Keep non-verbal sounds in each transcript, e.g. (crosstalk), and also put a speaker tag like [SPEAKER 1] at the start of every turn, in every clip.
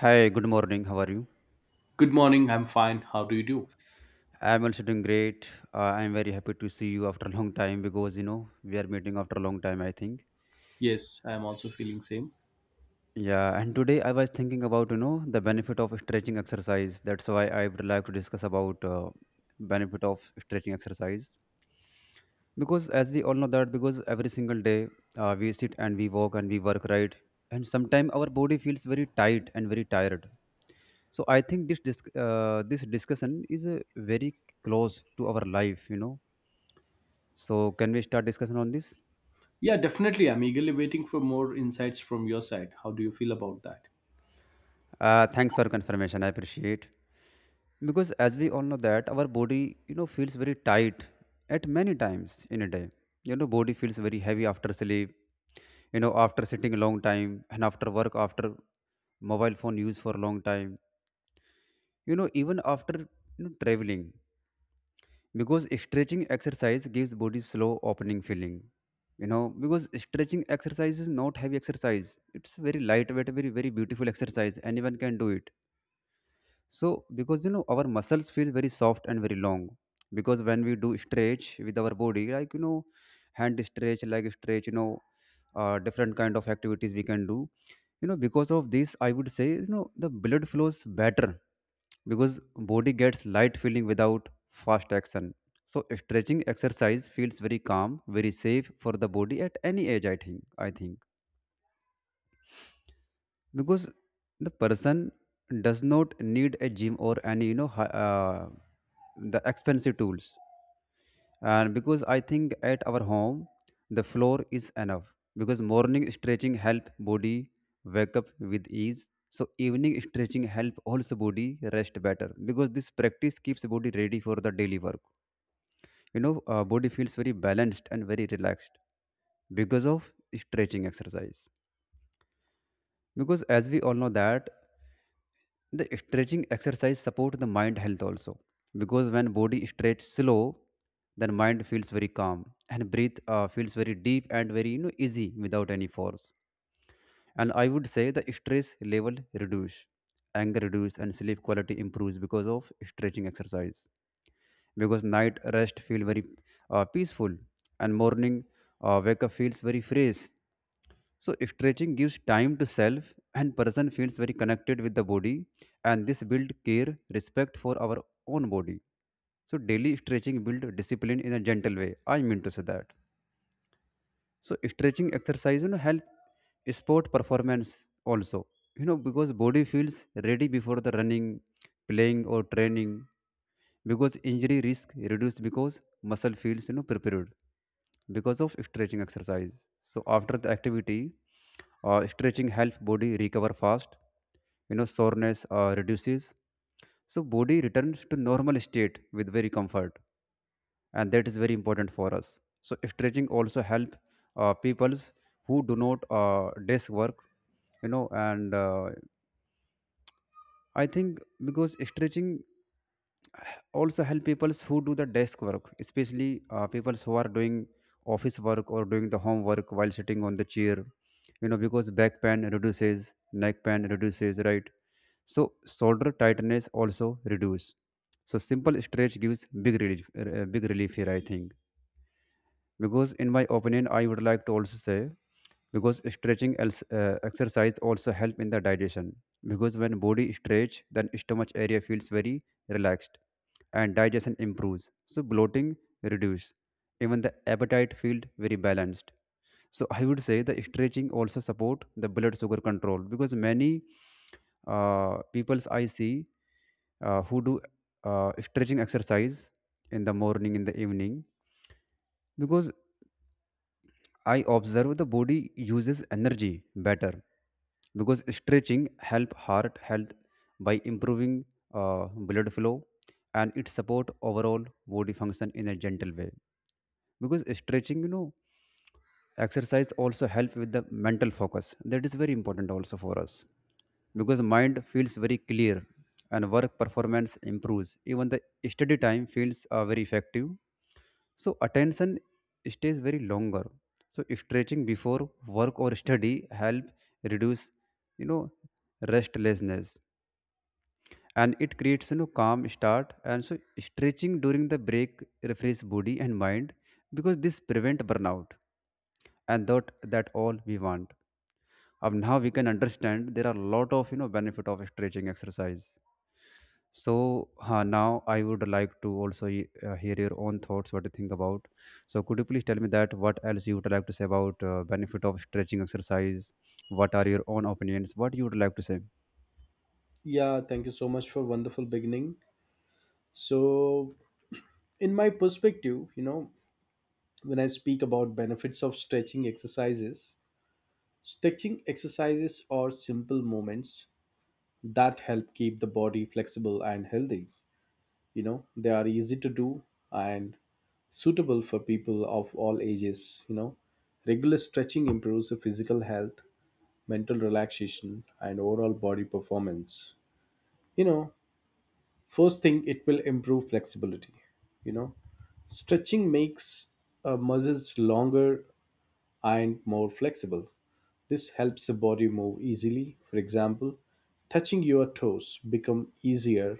[SPEAKER 1] Hi, good morning. How are you?
[SPEAKER 2] Good morning. I'm fine. How do you do?
[SPEAKER 1] I'm also doing great. I'm very happy to see you after a long time because we are meeting after a long time, I think.
[SPEAKER 2] Yes, I'm also feeling
[SPEAKER 1] S-
[SPEAKER 2] same.
[SPEAKER 1] Yeah, and today I was thinking about the benefit of stretching exercise. That's why I would like to discuss about benefit of stretching exercise because as we all know that because every single day we sit and we walk and we work, right, and sometimes our body feels very tight and very tired. So I think this this discussion is very close to our life. So can we start discussion on this?
[SPEAKER 2] Yeah, definitely. I'm eagerly waiting for more insights from your side. How do you feel about that?
[SPEAKER 1] Thanks for confirmation. I appreciate, because as we all know that our body, you know, feels very tight at many times in a day. You know, body feels very heavy after sleep. You know, after sitting a long time and after work, after mobile phone use for a long time. You know, even after traveling, because stretching exercise gives body slow opening feeling. You know, because stretching exercise is not heavy exercise, it's very lightweight, very beautiful exercise, anyone can do it. So because you know our muscles feel very soft and very long, because when we do stretch with our body, like you know, hand stretch, leg stretch, you know, different kind of activities we can do. You know, because of this I would say you know the blood flows better, because body gets light feeling without fast action. So stretching exercise feels very calm, very safe for the body at any age, I think, because the person does not need a gym or any you know the expensive tools. And because I think at our home the floor is enough, because morning stretching help body wake up with ease, so evening stretching help also body rest better, because this practice keeps body ready for the daily work. You know, body feels very balanced and very relaxed because of stretching exercise. Because as we all know that the stretching exercise support the mind health also, because when body stretch slow, then mind feels very calm and breath feels very deep and very you know easy without any force. And I would say the stress level reduce, anger reduce, and sleep quality improves because of stretching exercise. Because night rest feel very peaceful and morning wake up feels very fresh. So stretching gives time to self and person feels very connected with the body, and this build care, respect for our own body. So daily stretching build discipline in a gentle way. I mean to say that so stretching exercise you know help sport performance also, you know, because body feels ready before the running, playing or training, because injury risk reduced because muscle feels you know prepared because of stretching exercise. So after the activity, stretching helps body recover fast. You know, soreness reduces, so body returns to normal state with very comfort, and that is very important for us. So stretching also help peoples who do not desk work, you know, and I think because stretching also help peoples who do the desk work, especially peoples who are doing office work or doing the homework while sitting on the chair. You know, because back pain reduces, neck pain reduces, right? So shoulder tightness also reduce. So simple stretch gives big relief here, I think. Because in my opinion I would like to also say, because stretching exercise also help in the digestion, because when body stretch then stomach area feels very relaxed, and digestion improves, so bloating reduce, even the appetite feels very balanced. So I would say the stretching also support the blood sugar control, because many peoples I see who do stretching exercise in the morning, in the evening, because I observe the body uses energy better, because stretching help heart health by improving blood flow, and it support overall body function in a gentle way. Because stretching you know exercise also help with the mental focus. That is very important also for us, because mind feels very clear and work performance improves. Even the study time feels very effective. So attention stays very longer. So stretching before work or study help reduce you know restlessness, and it creates you know calm start. And so stretching during the break refresh body and mind, because this prevent burnout, and that all we want. Now we can understand there are a lot of you know benefit of stretching exercise. So now I would like to also hear your own thoughts, what do you think about. So could you please tell me that what else you would like to say about benefit of stretching exercise, what are your own opinions, what you would like to say?
[SPEAKER 2] Yeah, thank you so much for wonderful beginning. So, in my perspective, you know, when I speak about benefits of stretching exercises are simple movements that help keep the body flexible and healthy. You know, they are easy to do and suitable for people of all ages. You know, regular stretching improves the physical health, mental relaxation, and overall body performance. You know, first thing, it will improve flexibility. You know, stretching makes muscles longer and more flexible. This helps the body move easily. For example, touching your toes become easier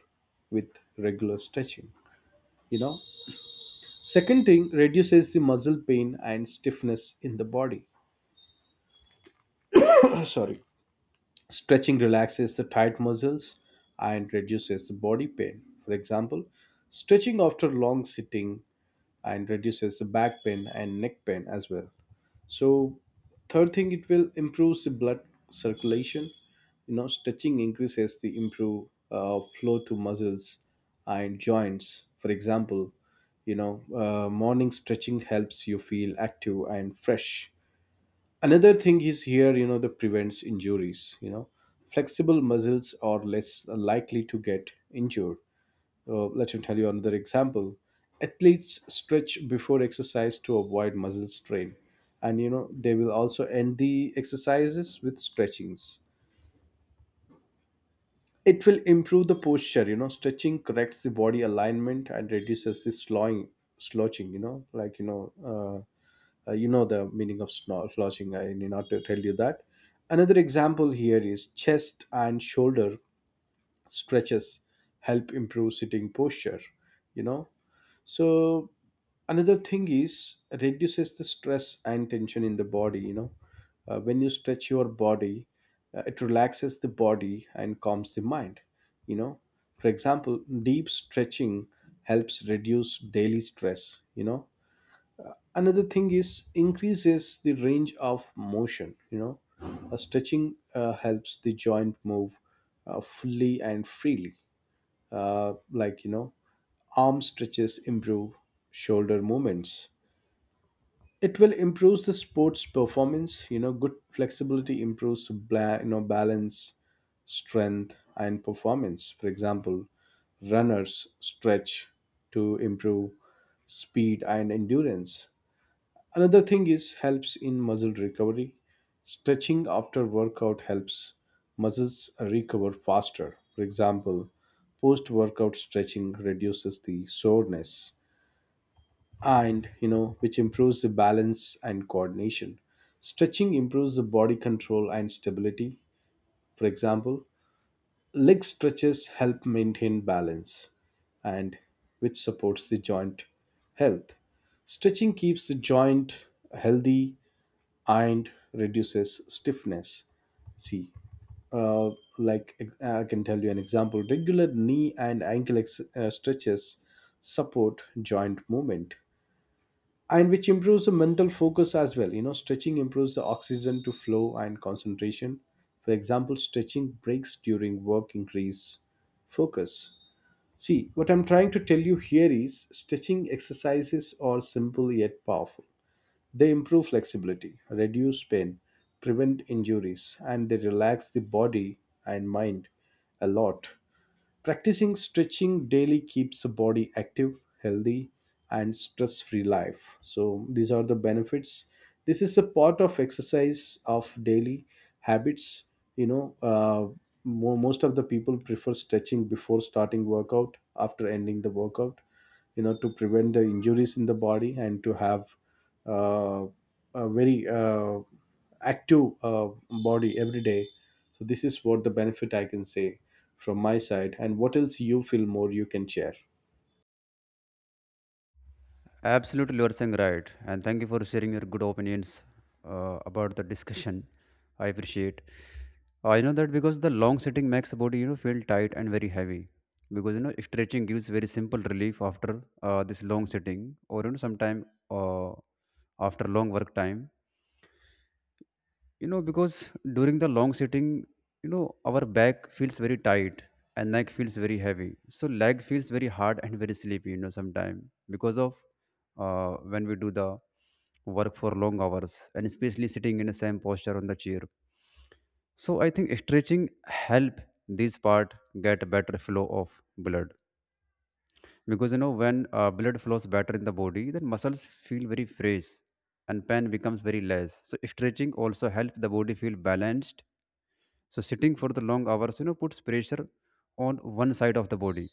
[SPEAKER 2] with regular stretching. You know, second thing, reduces the muscle pain and stiffness in the body. (coughs) (clears throat) Sorry. Stretching relaxes the tight muscles and reduces the body pain. For example, stretching after long sitting and reduces the back pain and neck pain as well. So, third thing, it will improve the blood circulation. You know, stretching increases the improve flow to muscles and joints. For example, you know, morning stretching helps you feel active and fresh. Another thing is here, you know, the prevents injuries. You know, flexible muscles are less likely to get injured. Let me tell you another example. Athletes stretch before exercise to avoid muscle strain. And you know, they will also end the exercises with stretchings. It will improve the posture, you know, stretching corrects the body alignment and reduces the slowing, slouching, you know, like, you know the meaning of slouching. I need not to tell you that. Another example here is chest and shoulder stretches help improve sitting posture, you know. So another thing is reduces the stress and tension in the body. You know, when you stretch your body, it relaxes the body and calms the mind. You know, for example, deep stretching helps reduce daily stress. You know, another thing is increases the range of motion. You know, stretching helps the joint move fully and freely, like you know arm stretches improve shoulder movements. It will improve the sports performance. You know, good flexibility improves you know balance, strength, and performance. For example, runners stretch to improve speed and endurance. Another thing is helps in muscle recovery. Stretching after workout helps muscles recover faster. For example, post workout stretching reduces the soreness, and you know which improves the balance and coordination. Stretching improves the body control and stability. For example, leg stretches help maintain balance, and which supports the joint health. Stretching keeps the joint healthy and reduces stiffness. See, uh, like I can tell you an example. Regular knee and ankle stretches support joint movement, and which improves the mental focus as well. You know, stretching improves the oxygen to flow and concentration. For example, stretching breaks during work increase focus. See, what I'm trying to tell you here is stretching exercises are simple yet powerful. They improve flexibility, reduce pain, prevent injuries, and they relax the body and mind a lot. Practicing stretching daily keeps the body active, healthy, and stress free life. So, these are the benefits. This is a part of exercise of daily habits. You know, most of the people prefer stretching before starting workout, after ending the workout, you know, to prevent the injuries in the body and to have uh, a very active body every day. So, this is what the benefit I can say from my side, and what else you feel more you can share.
[SPEAKER 1] Absolutely, you are saying right. And thank you for sharing your good opinions about the discussion. I appreciate. I know that because the long sitting makes the body, you know, feel tight and very heavy. Because you know, stretching gives very simple relief after this long sitting, or you know, sometime after long work time. You know, because during the long sitting you know our back feels very tight and neck feels very heavy, so leg feels very hard and very sleepy, you know, sometime because of when we do the work for long hours and especially sitting in the same posture on the chair. So I think stretching help this part get better flow of blood, because you know when blood flows better in the body then muscles feel very fresh and pain becomes very less. So stretching also help the body feel balanced. So sitting for the long hours you know puts pressure on one side of the body,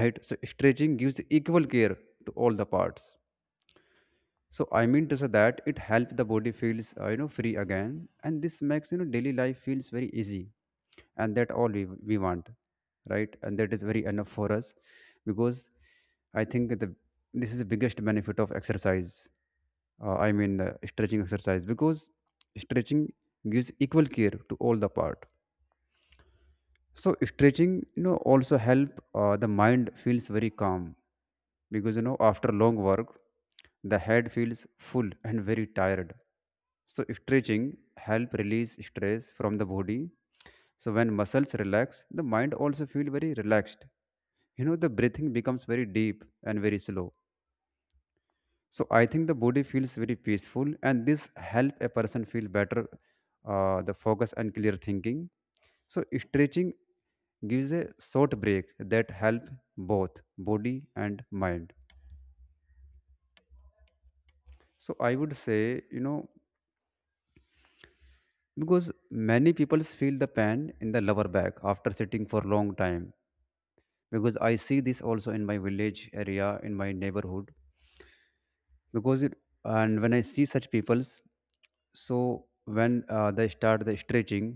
[SPEAKER 1] right? So stretching gives equal care to all the parts. So I mean to say that it helps the body feels you know free again, and this makes you know daily life feels very easy, and that all we want, right, and that is very enough for us. Because I think the this is the biggest benefit of exercise, I mean stretching exercise, because stretching gives equal care to all the part. So stretching you know also help the mind feels very calm, because you know after long work the head feels full and very tired, so stretching help release stress from the body. So when muscles relax the mind also feel very relaxed. You know the breathing becomes very deep and very slow. So I think the body feels very peaceful, and this help a person feel better, the focus and clear thinking. So stretching gives a short break that help both body and mind. So I would say, you know, because many people feel the pain in the lower back after sitting for long time. Because I see this also in my village area, in my neighborhood, because it, and when I see such people's, so when they start the stretching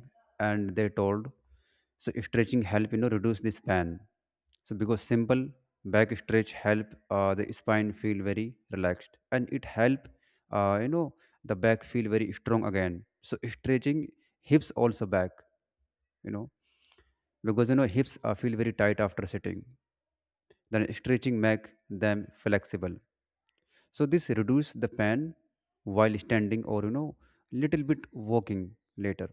[SPEAKER 1] and they told, so stretching help you know reduce the span. So because simple back stretch help the spine feel very relaxed, and it help you know the back feel very strong again. So stretching hips also back, you know, because you know hips feel very tight after sitting, then stretching make them flexible, so this reduce the pain while standing or you know little bit walking later.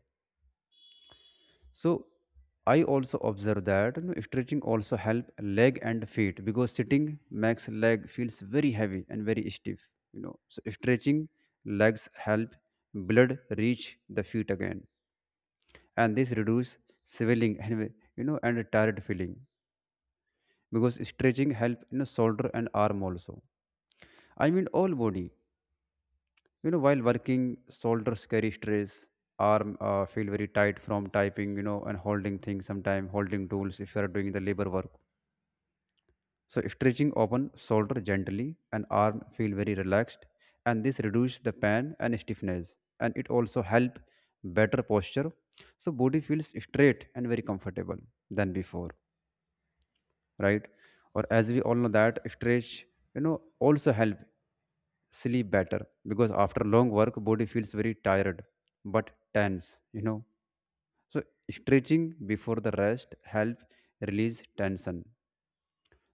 [SPEAKER 1] So I also observe that you know stretching also help leg and feet, because sitting makes leg feels very heavy and very stiff, you know. So stretching legs help blood reach the feet again, and this reduce swelling and you know and tired feeling. Because stretching help you know shoulder and arm also, I mean all body. You know, while working shoulders carry stress, arm feel very tight from typing you know and holding things, sometime holding tools if you are doing the labor work. So stretching open shoulder gently, and arm feel very relaxed, and this reduce the pain and stiffness, and it also help better posture. So body feels straight and very comfortable than before, right? Or as we all know that stretch you know also help sleep better, because after long work body feels very tired but tense, you know. So stretching before the rest help release tension.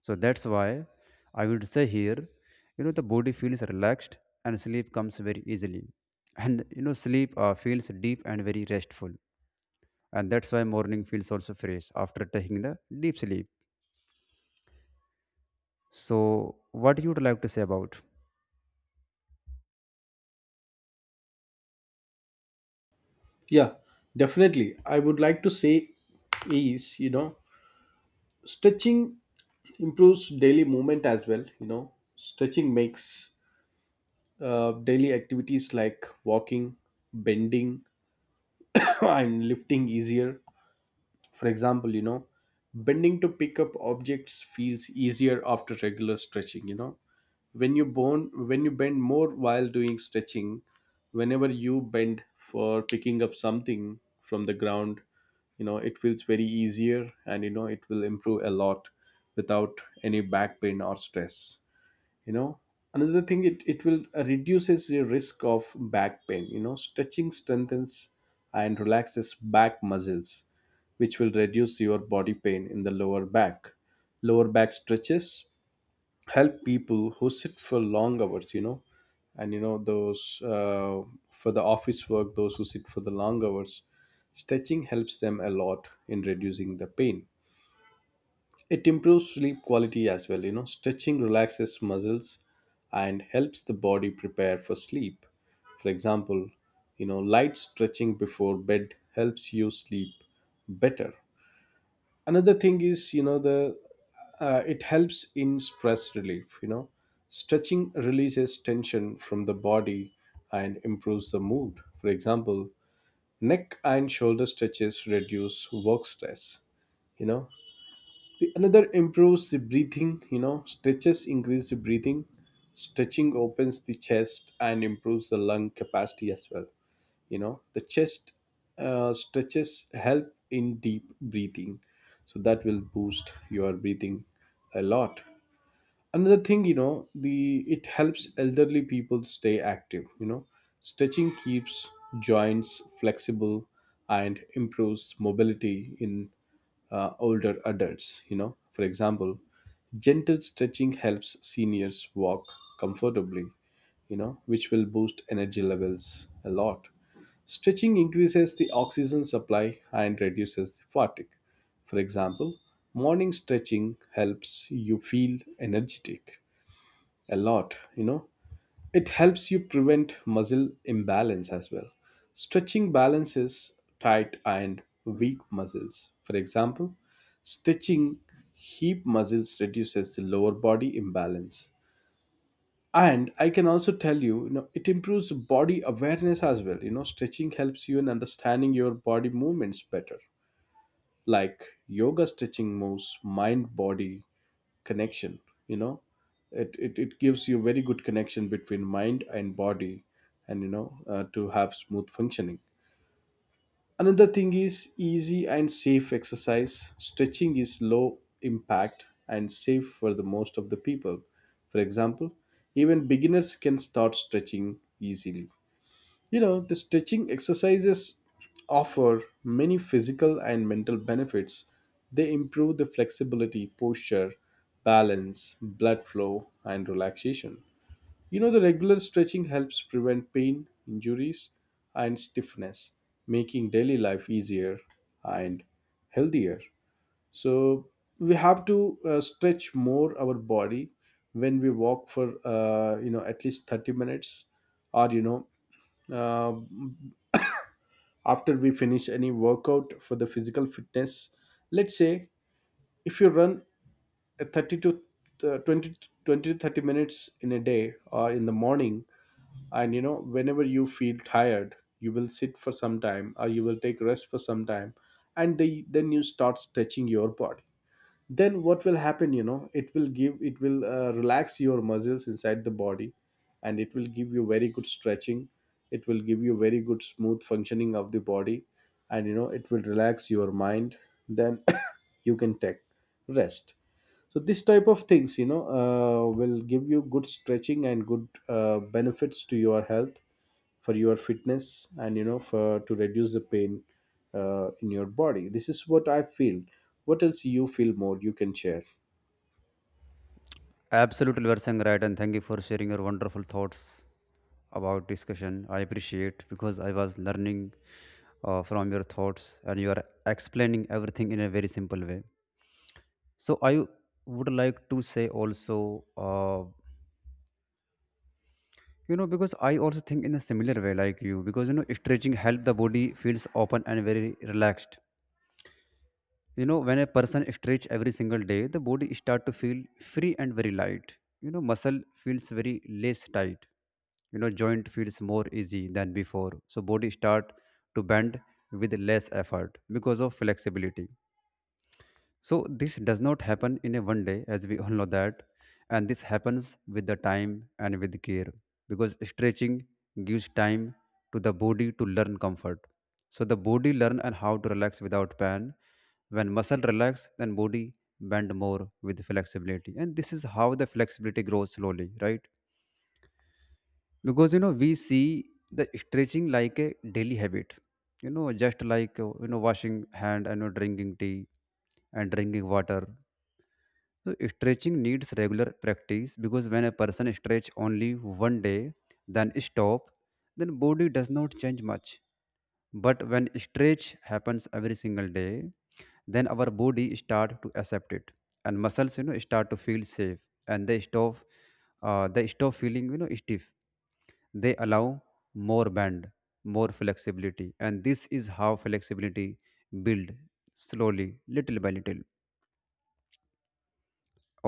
[SPEAKER 1] So that's why I would say here you know the body feels relaxed and sleep comes very easily, and you know sleep feels deep and very restful, and that's why morning feels also fresh after taking the deep sleep. So what you would like to say about?
[SPEAKER 2] Yeah, definitely, I would like to say is, you know, stretching improves daily movement as well. You know, stretching makes daily activities like walking, bending (coughs) and lifting easier. For example, you know, bending to pick up objects feels easier after regular stretching. You know, when you bend more while doing stretching, whenever you bend for picking up something from the ground, you know it feels very easier, and you know it will improve a lot without any back pain or stress. You know, another thing, it will reduces your risk of back pain. You know, stretching strengthens and relaxes back muscles, which will reduce your body pain in the lower back. Lower back stretches help people who sit for long hours. You know, and you know those for the office work, those who sit for the long hours, stretching helps them a lot in reducing the pain. It improves sleep quality as well. You know, stretching relaxes muscles and helps the body prepare for sleep. For example, you know, light stretching before bed helps you sleep better. Another thing is, you know, the it helps in stress relief. You know, stretching releases tension from the body and improves the mood. For example, neck and shoulder stretches reduce work stress. You know, the another improves the breathing. You know, stretches increase the breathing. Stretching opens the chest and improves the lung capacity as well. You know, the chest stretches help in deep breathing. So that will boost your breathing a lot. Another thing, you know, the it helps elderly people stay active. You know, stretching keeps joints flexible and improves mobility in older adults. You know, for example, gentle stretching helps seniors walk comfortably, you know, which will boost energy levels a lot. Stretching increases the oxygen supply and reduces the fatigue. For example, morning stretching helps you feel energetic a lot, you know. It helps you prevent muscle imbalance as well. Stretching balances tight and weak muscles. For example, stretching hip muscles reduces the lower body imbalance. And I can also tell you, you know, it improves body awareness as well. You know, stretching helps you in understanding your body movements better, like yoga stretching moves mind body connection. You know, it gives you very good connection between mind and body, and you know to have smooth functioning. Another thing is easy and safe exercise. Stretching is low impact and safe for the most of the people. For example, even beginners can start stretching easily. You know, the stretching exercises offer many physical and mental benefits. They improve the flexibility, posture, balance, blood flow, and relaxation. You know, the regular stretching helps prevent pain, injuries, and stiffness, making daily life easier and healthier. So, we have to stretch more our body when we walk for you know at least 30 minutes, or you know uh after we finish any workout for the physical fitness. Let's say, if you run a 30 to 20 twenty to 30 minutes in a day or in the morning, and you know whenever you feel tired, you will sit for some time or you will take rest for some time, and then you start stretching your body. Then what will happen, you know, it will give, it will relax your muscles inside the body, and it will give you very good stretching. It will give you very good smooth functioning of the body, and you know it will relax your mind. Then (coughs) you can take rest. So this type of things, you know, will give you good stretching and good benefits to your health, for your fitness, and you know for to reduce the pain in your body. This is what I feel. What else you feel more you can share.
[SPEAKER 1] Absolutely, you are saying right, and thank you for sharing your wonderful thoughts about discussion. I appreciate because I was learning from your thoughts, and you are explaining everything in a very simple way. So I would like to say also, because I also think in a similar way like you, because you know, stretching help the body feels open and very relaxed. You know, when a person stretch every single day, the body start to feel free and very light. You know, muscle feels very less tight. You know, joint feels more easy than before, so body start to bend with less effort because of flexibility. So this does not happen in a one day, as we all know that, and this happens with the time and with care, because stretching gives time to the body to learn comfort. So the body learn and how to relax without pain. When muscle relax, then body bend more with flexibility, and this is how the flexibility grows slowly, right? Because you know, we see the stretching like a daily habit, you know, just like washing hand, and you know, drinking tea and drinking water. So stretching needs regular practice, because when a person stretch only one day, then stop, then body does not change much. But when stretch happens every single day, then our body start to accept it, and muscles you know start to feel safe, and they stop, they stop feeling you know stiff. They allow more bend, more flexibility, and this is how flexibility build slowly, little by little.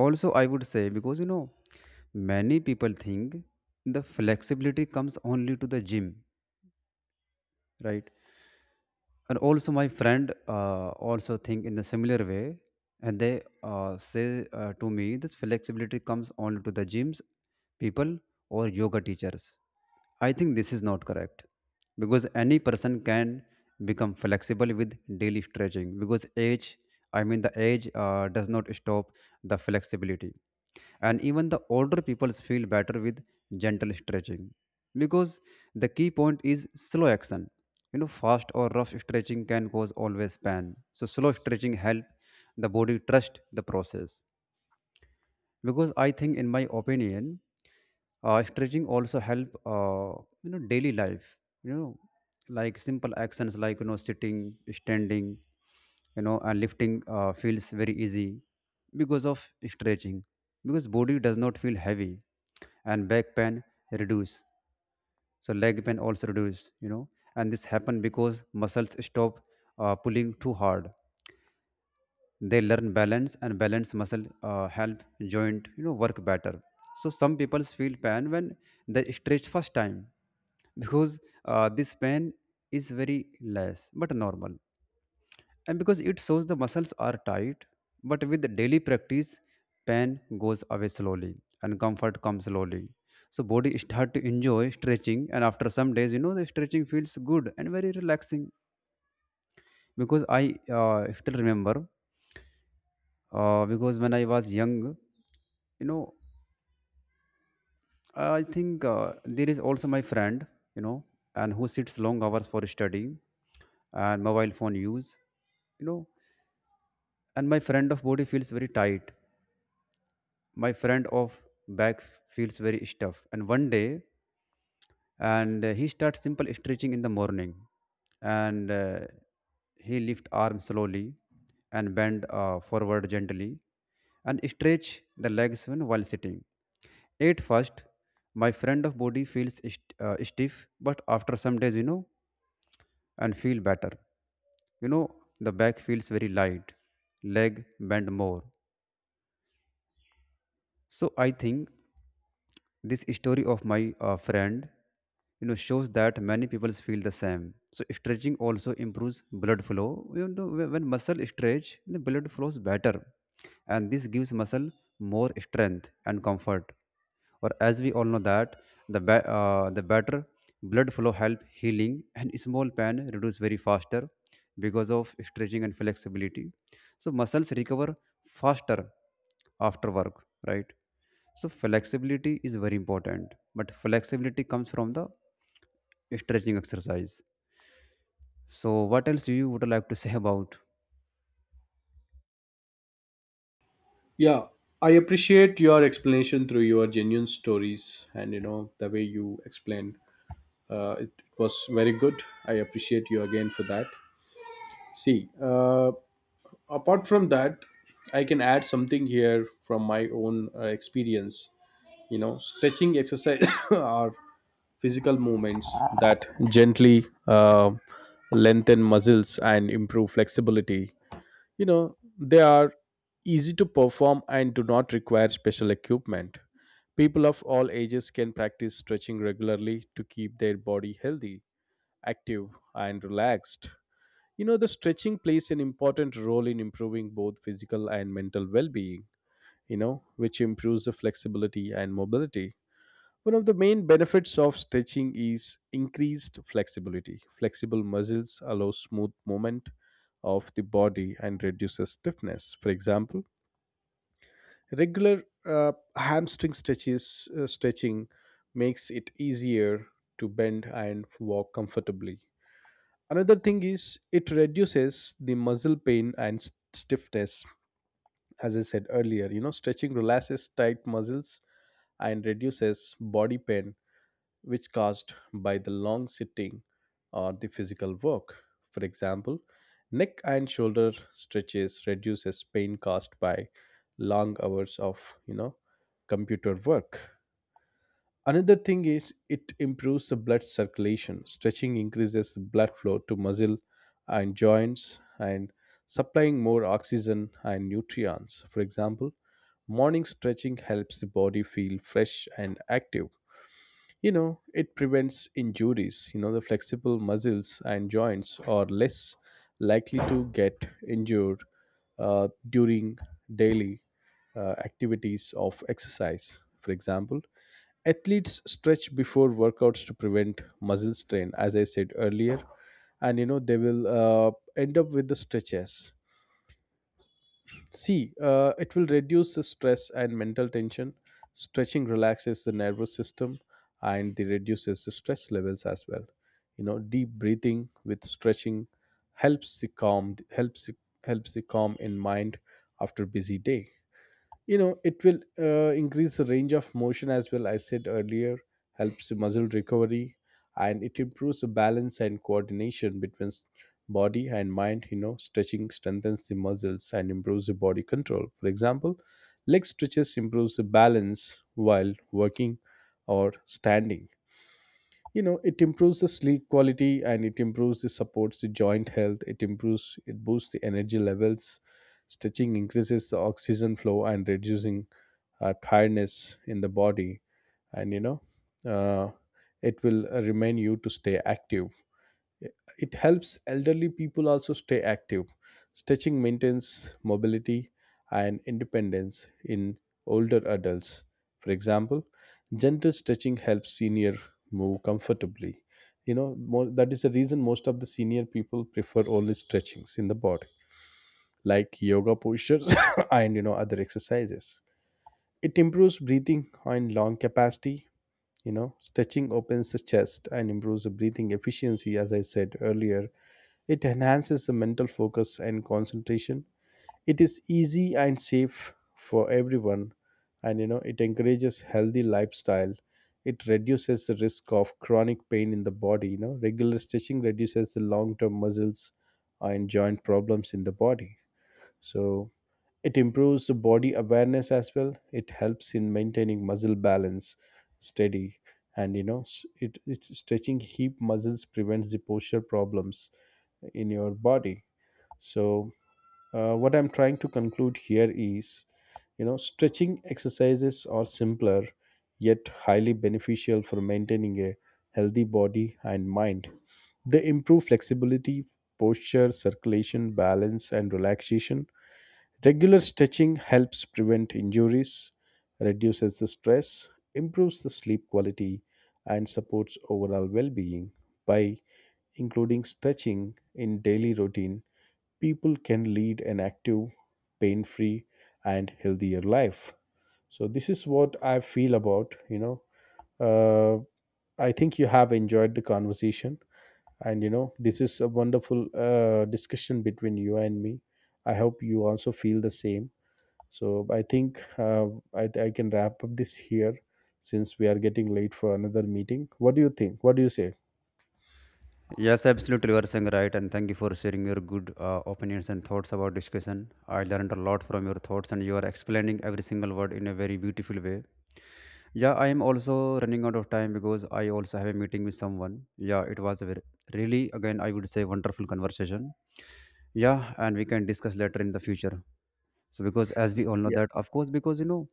[SPEAKER 1] Also, I would say, because you know, many people think the flexibility comes only to the gym, right? And also my friend also think in the similar way, and they say to me, this flexibility comes only to the gyms people or yoga teachers. I think this is not correct, because any person can become flexible with daily stretching, because age, I mean, the age does not stop the flexibility. And even the older people feel better with gentle stretching, because the key point is slow action. You know, fast or rough stretching can cause always pain, so slow stretching help the body trust the process. Because I think, in my opinion, stretching also help, daily life, you know, like simple actions like you know sitting, standing, you know, and lifting feels very easy because of stretching, because body does not feel heavy, and back pain reduce, so leg pain also reduce, you know. And this happen because muscles stop pulling too hard. They learn balance, and balance muscle help joint you know work better. So some people feel pain when they stretch first time, because this pain is very less but normal, and because it shows the muscles are tight. But with the daily practice, pain goes away slowly, and comfort comes slowly. So body start to enjoy stretching, and after some days, you know, the stretching feels good and very relaxing. Because I still remember, because when I was young, you know, I think there is also my friend, you know, and who sits long hours for study and mobile phone use, you know, and my friend of body feels very tight. My friend of back feels very stiff, and one day, and he starts simple stretching in the morning, and he lift arm slowly, and bend forward gently, and stretch the legs when while sitting. At first, my friend of body feels stiff, but after some days, you know, and feel better, you know, the back feels very light, leg bend more. So I think this story of my friend, you know, shows that many people feel the same. So stretching also improves blood flow. You know, when muscle stretch, the blood flows better, and this gives muscle more strength and comfort. Or as we all know that the the better blood flow help healing, and small pain reduce very faster because of stretching and flexibility. So muscles recover faster after work, right? So flexibility is very important, but flexibility comes from the stretching exercise. So what else you would like to say about?
[SPEAKER 2] Yeah, I appreciate your explanation through your genuine stories, and you know the way you explained it was very good. I appreciate you again for that. See, apart from that, I can add something here from my own experience. You know, stretching exercise (coughs) are physical movements that gently lengthen muscles and improve flexibility. You know, they are easy to perform and do not require special equipment. People of all ages can practice stretching regularly to keep their body healthy, active, and relaxed. You know, the stretching plays an important role in improving both physical and mental well-being, you know, which improves the flexibility and mobility. One of the main benefits of stretching is increased flexibility. Flexible muscles allow smooth movement of the body and reduces stiffness. For example, regular hamstring stretches stretching makes it easier to bend and walk comfortably. Another thing is, it reduces the muscle pain and stiffness. As I said earlier, you know, stretching relaxes tight muscles and reduces body pain, which caused by the long sitting or the physical work. For example, neck and shoulder stretches reduces pain caused by long hours of, you know, computer work. Another thing is, it improves the blood circulation. Stretching increases blood flow to muscle and joints, and supplying more oxygen and nutrients. For example, morning stretching helps the body feel fresh and active. You know, it prevents injuries. You know, the flexible muscles and joints are less likely to get injured during daily activities of exercise. For example, athletes stretch before workouts to prevent muscle strain, as I said earlier, and you know, they will end up with the stretches. See, it will reduce the stress and mental tension. Stretching relaxes the nervous system and the reduces the stress levels as well. You know, deep breathing with stretching helps the calm helps the- helps the calm in mind after busy day. You know, it will increase the range of motion as well, I said earlier. Helps the muscle recovery, and it improves the balance and coordination between body and mind. You know, stretching strengthens the muscles and improves the body control. For example, leg stretches improves the balance while working or standing. You know, it improves the sleep quality, and it improves the supports the joint health, it improves it boosts the energy levels. Stretching increases the oxygen flow and reducing tiredness in the body, and you know uh, it will remind you to stay active. It helps elderly people also stay active. Stretching maintains mobility and independence in older adults. For example, gentle stretching helps senior move comfortably, you know more, that is the reason most of the senior people prefer only stretchings in the body, like yoga postures (laughs) (coughs) and you know other exercises. It improves breathing and lung capacity. You know, stretching opens the chest and improves the breathing efficiency, as I said earlier. It enhances the mental focus and concentration. It is easy and safe for everyone, and you know, it encourages healthy lifestyle. It reduces the risk of chronic pain in the body. You know, regular stretching reduces the long term muscles and joint problems in the body. So, it improves the body awareness as well. It helps in maintaining muscle balance steady, and you know it's stretching hip muscles prevents the posture problems in your body. So what I'm trying to conclude here is, you know, stretching exercises are simpler yet highly beneficial for maintaining a healthy body and mind. They improve flexibility, posture, circulation, balance, and relaxation. Regular stretching helps prevent injuries, reduces the stress, improves the sleep quality, and supports overall well being. By including stretching in daily routine, people can lead an active, pain free, and healthier life. So, this is what I feel about, you know. Uh, I think you have enjoyed the conversation, and you know, this is a wonderful discussion between you and me. I hope you also feel the same. So I think I can wrap up this here, since we are getting late for another meeting. What do you think, what do you say?
[SPEAKER 1] Yes, absolutely, you are saying right, and thank you for sharing your good opinions and thoughts about discussion. I learned a lot from your thoughts, and you are explaining every single word in a very beautiful way. Yeah, I am also running out of time, because I also have a meeting with someone. Yeah, it was a very, really, again, I would say wonderful conversation. Yeah, and we can discuss later in the future. So, because as we all know
[SPEAKER 2] Yeah.
[SPEAKER 1] that, of course, because you know,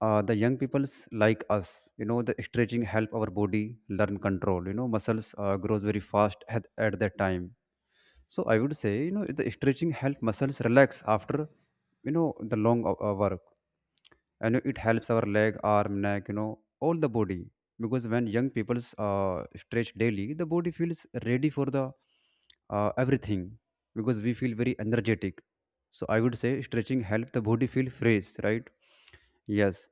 [SPEAKER 1] the young people's like us, you know, the stretching help our body learn control. You know, muscles grows very fast at, that time. So I would say, you know, the stretching help muscles relax after, you know, the long work, and you know, it helps our leg, arm, neck, you know, all the body. Because when young people uh, stretch daily, the body feels ready for the everything, because we feel very energetic. So I would say stretching help the body feel fresh, right? Yes.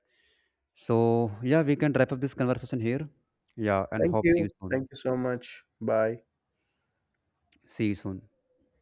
[SPEAKER 1] So, yeah, we can wrap up this conversation here. Yeah, and
[SPEAKER 2] Thank
[SPEAKER 1] hope see you
[SPEAKER 2] you.
[SPEAKER 1] soon.
[SPEAKER 2] Thank you so much. Bye.
[SPEAKER 1] See you soon.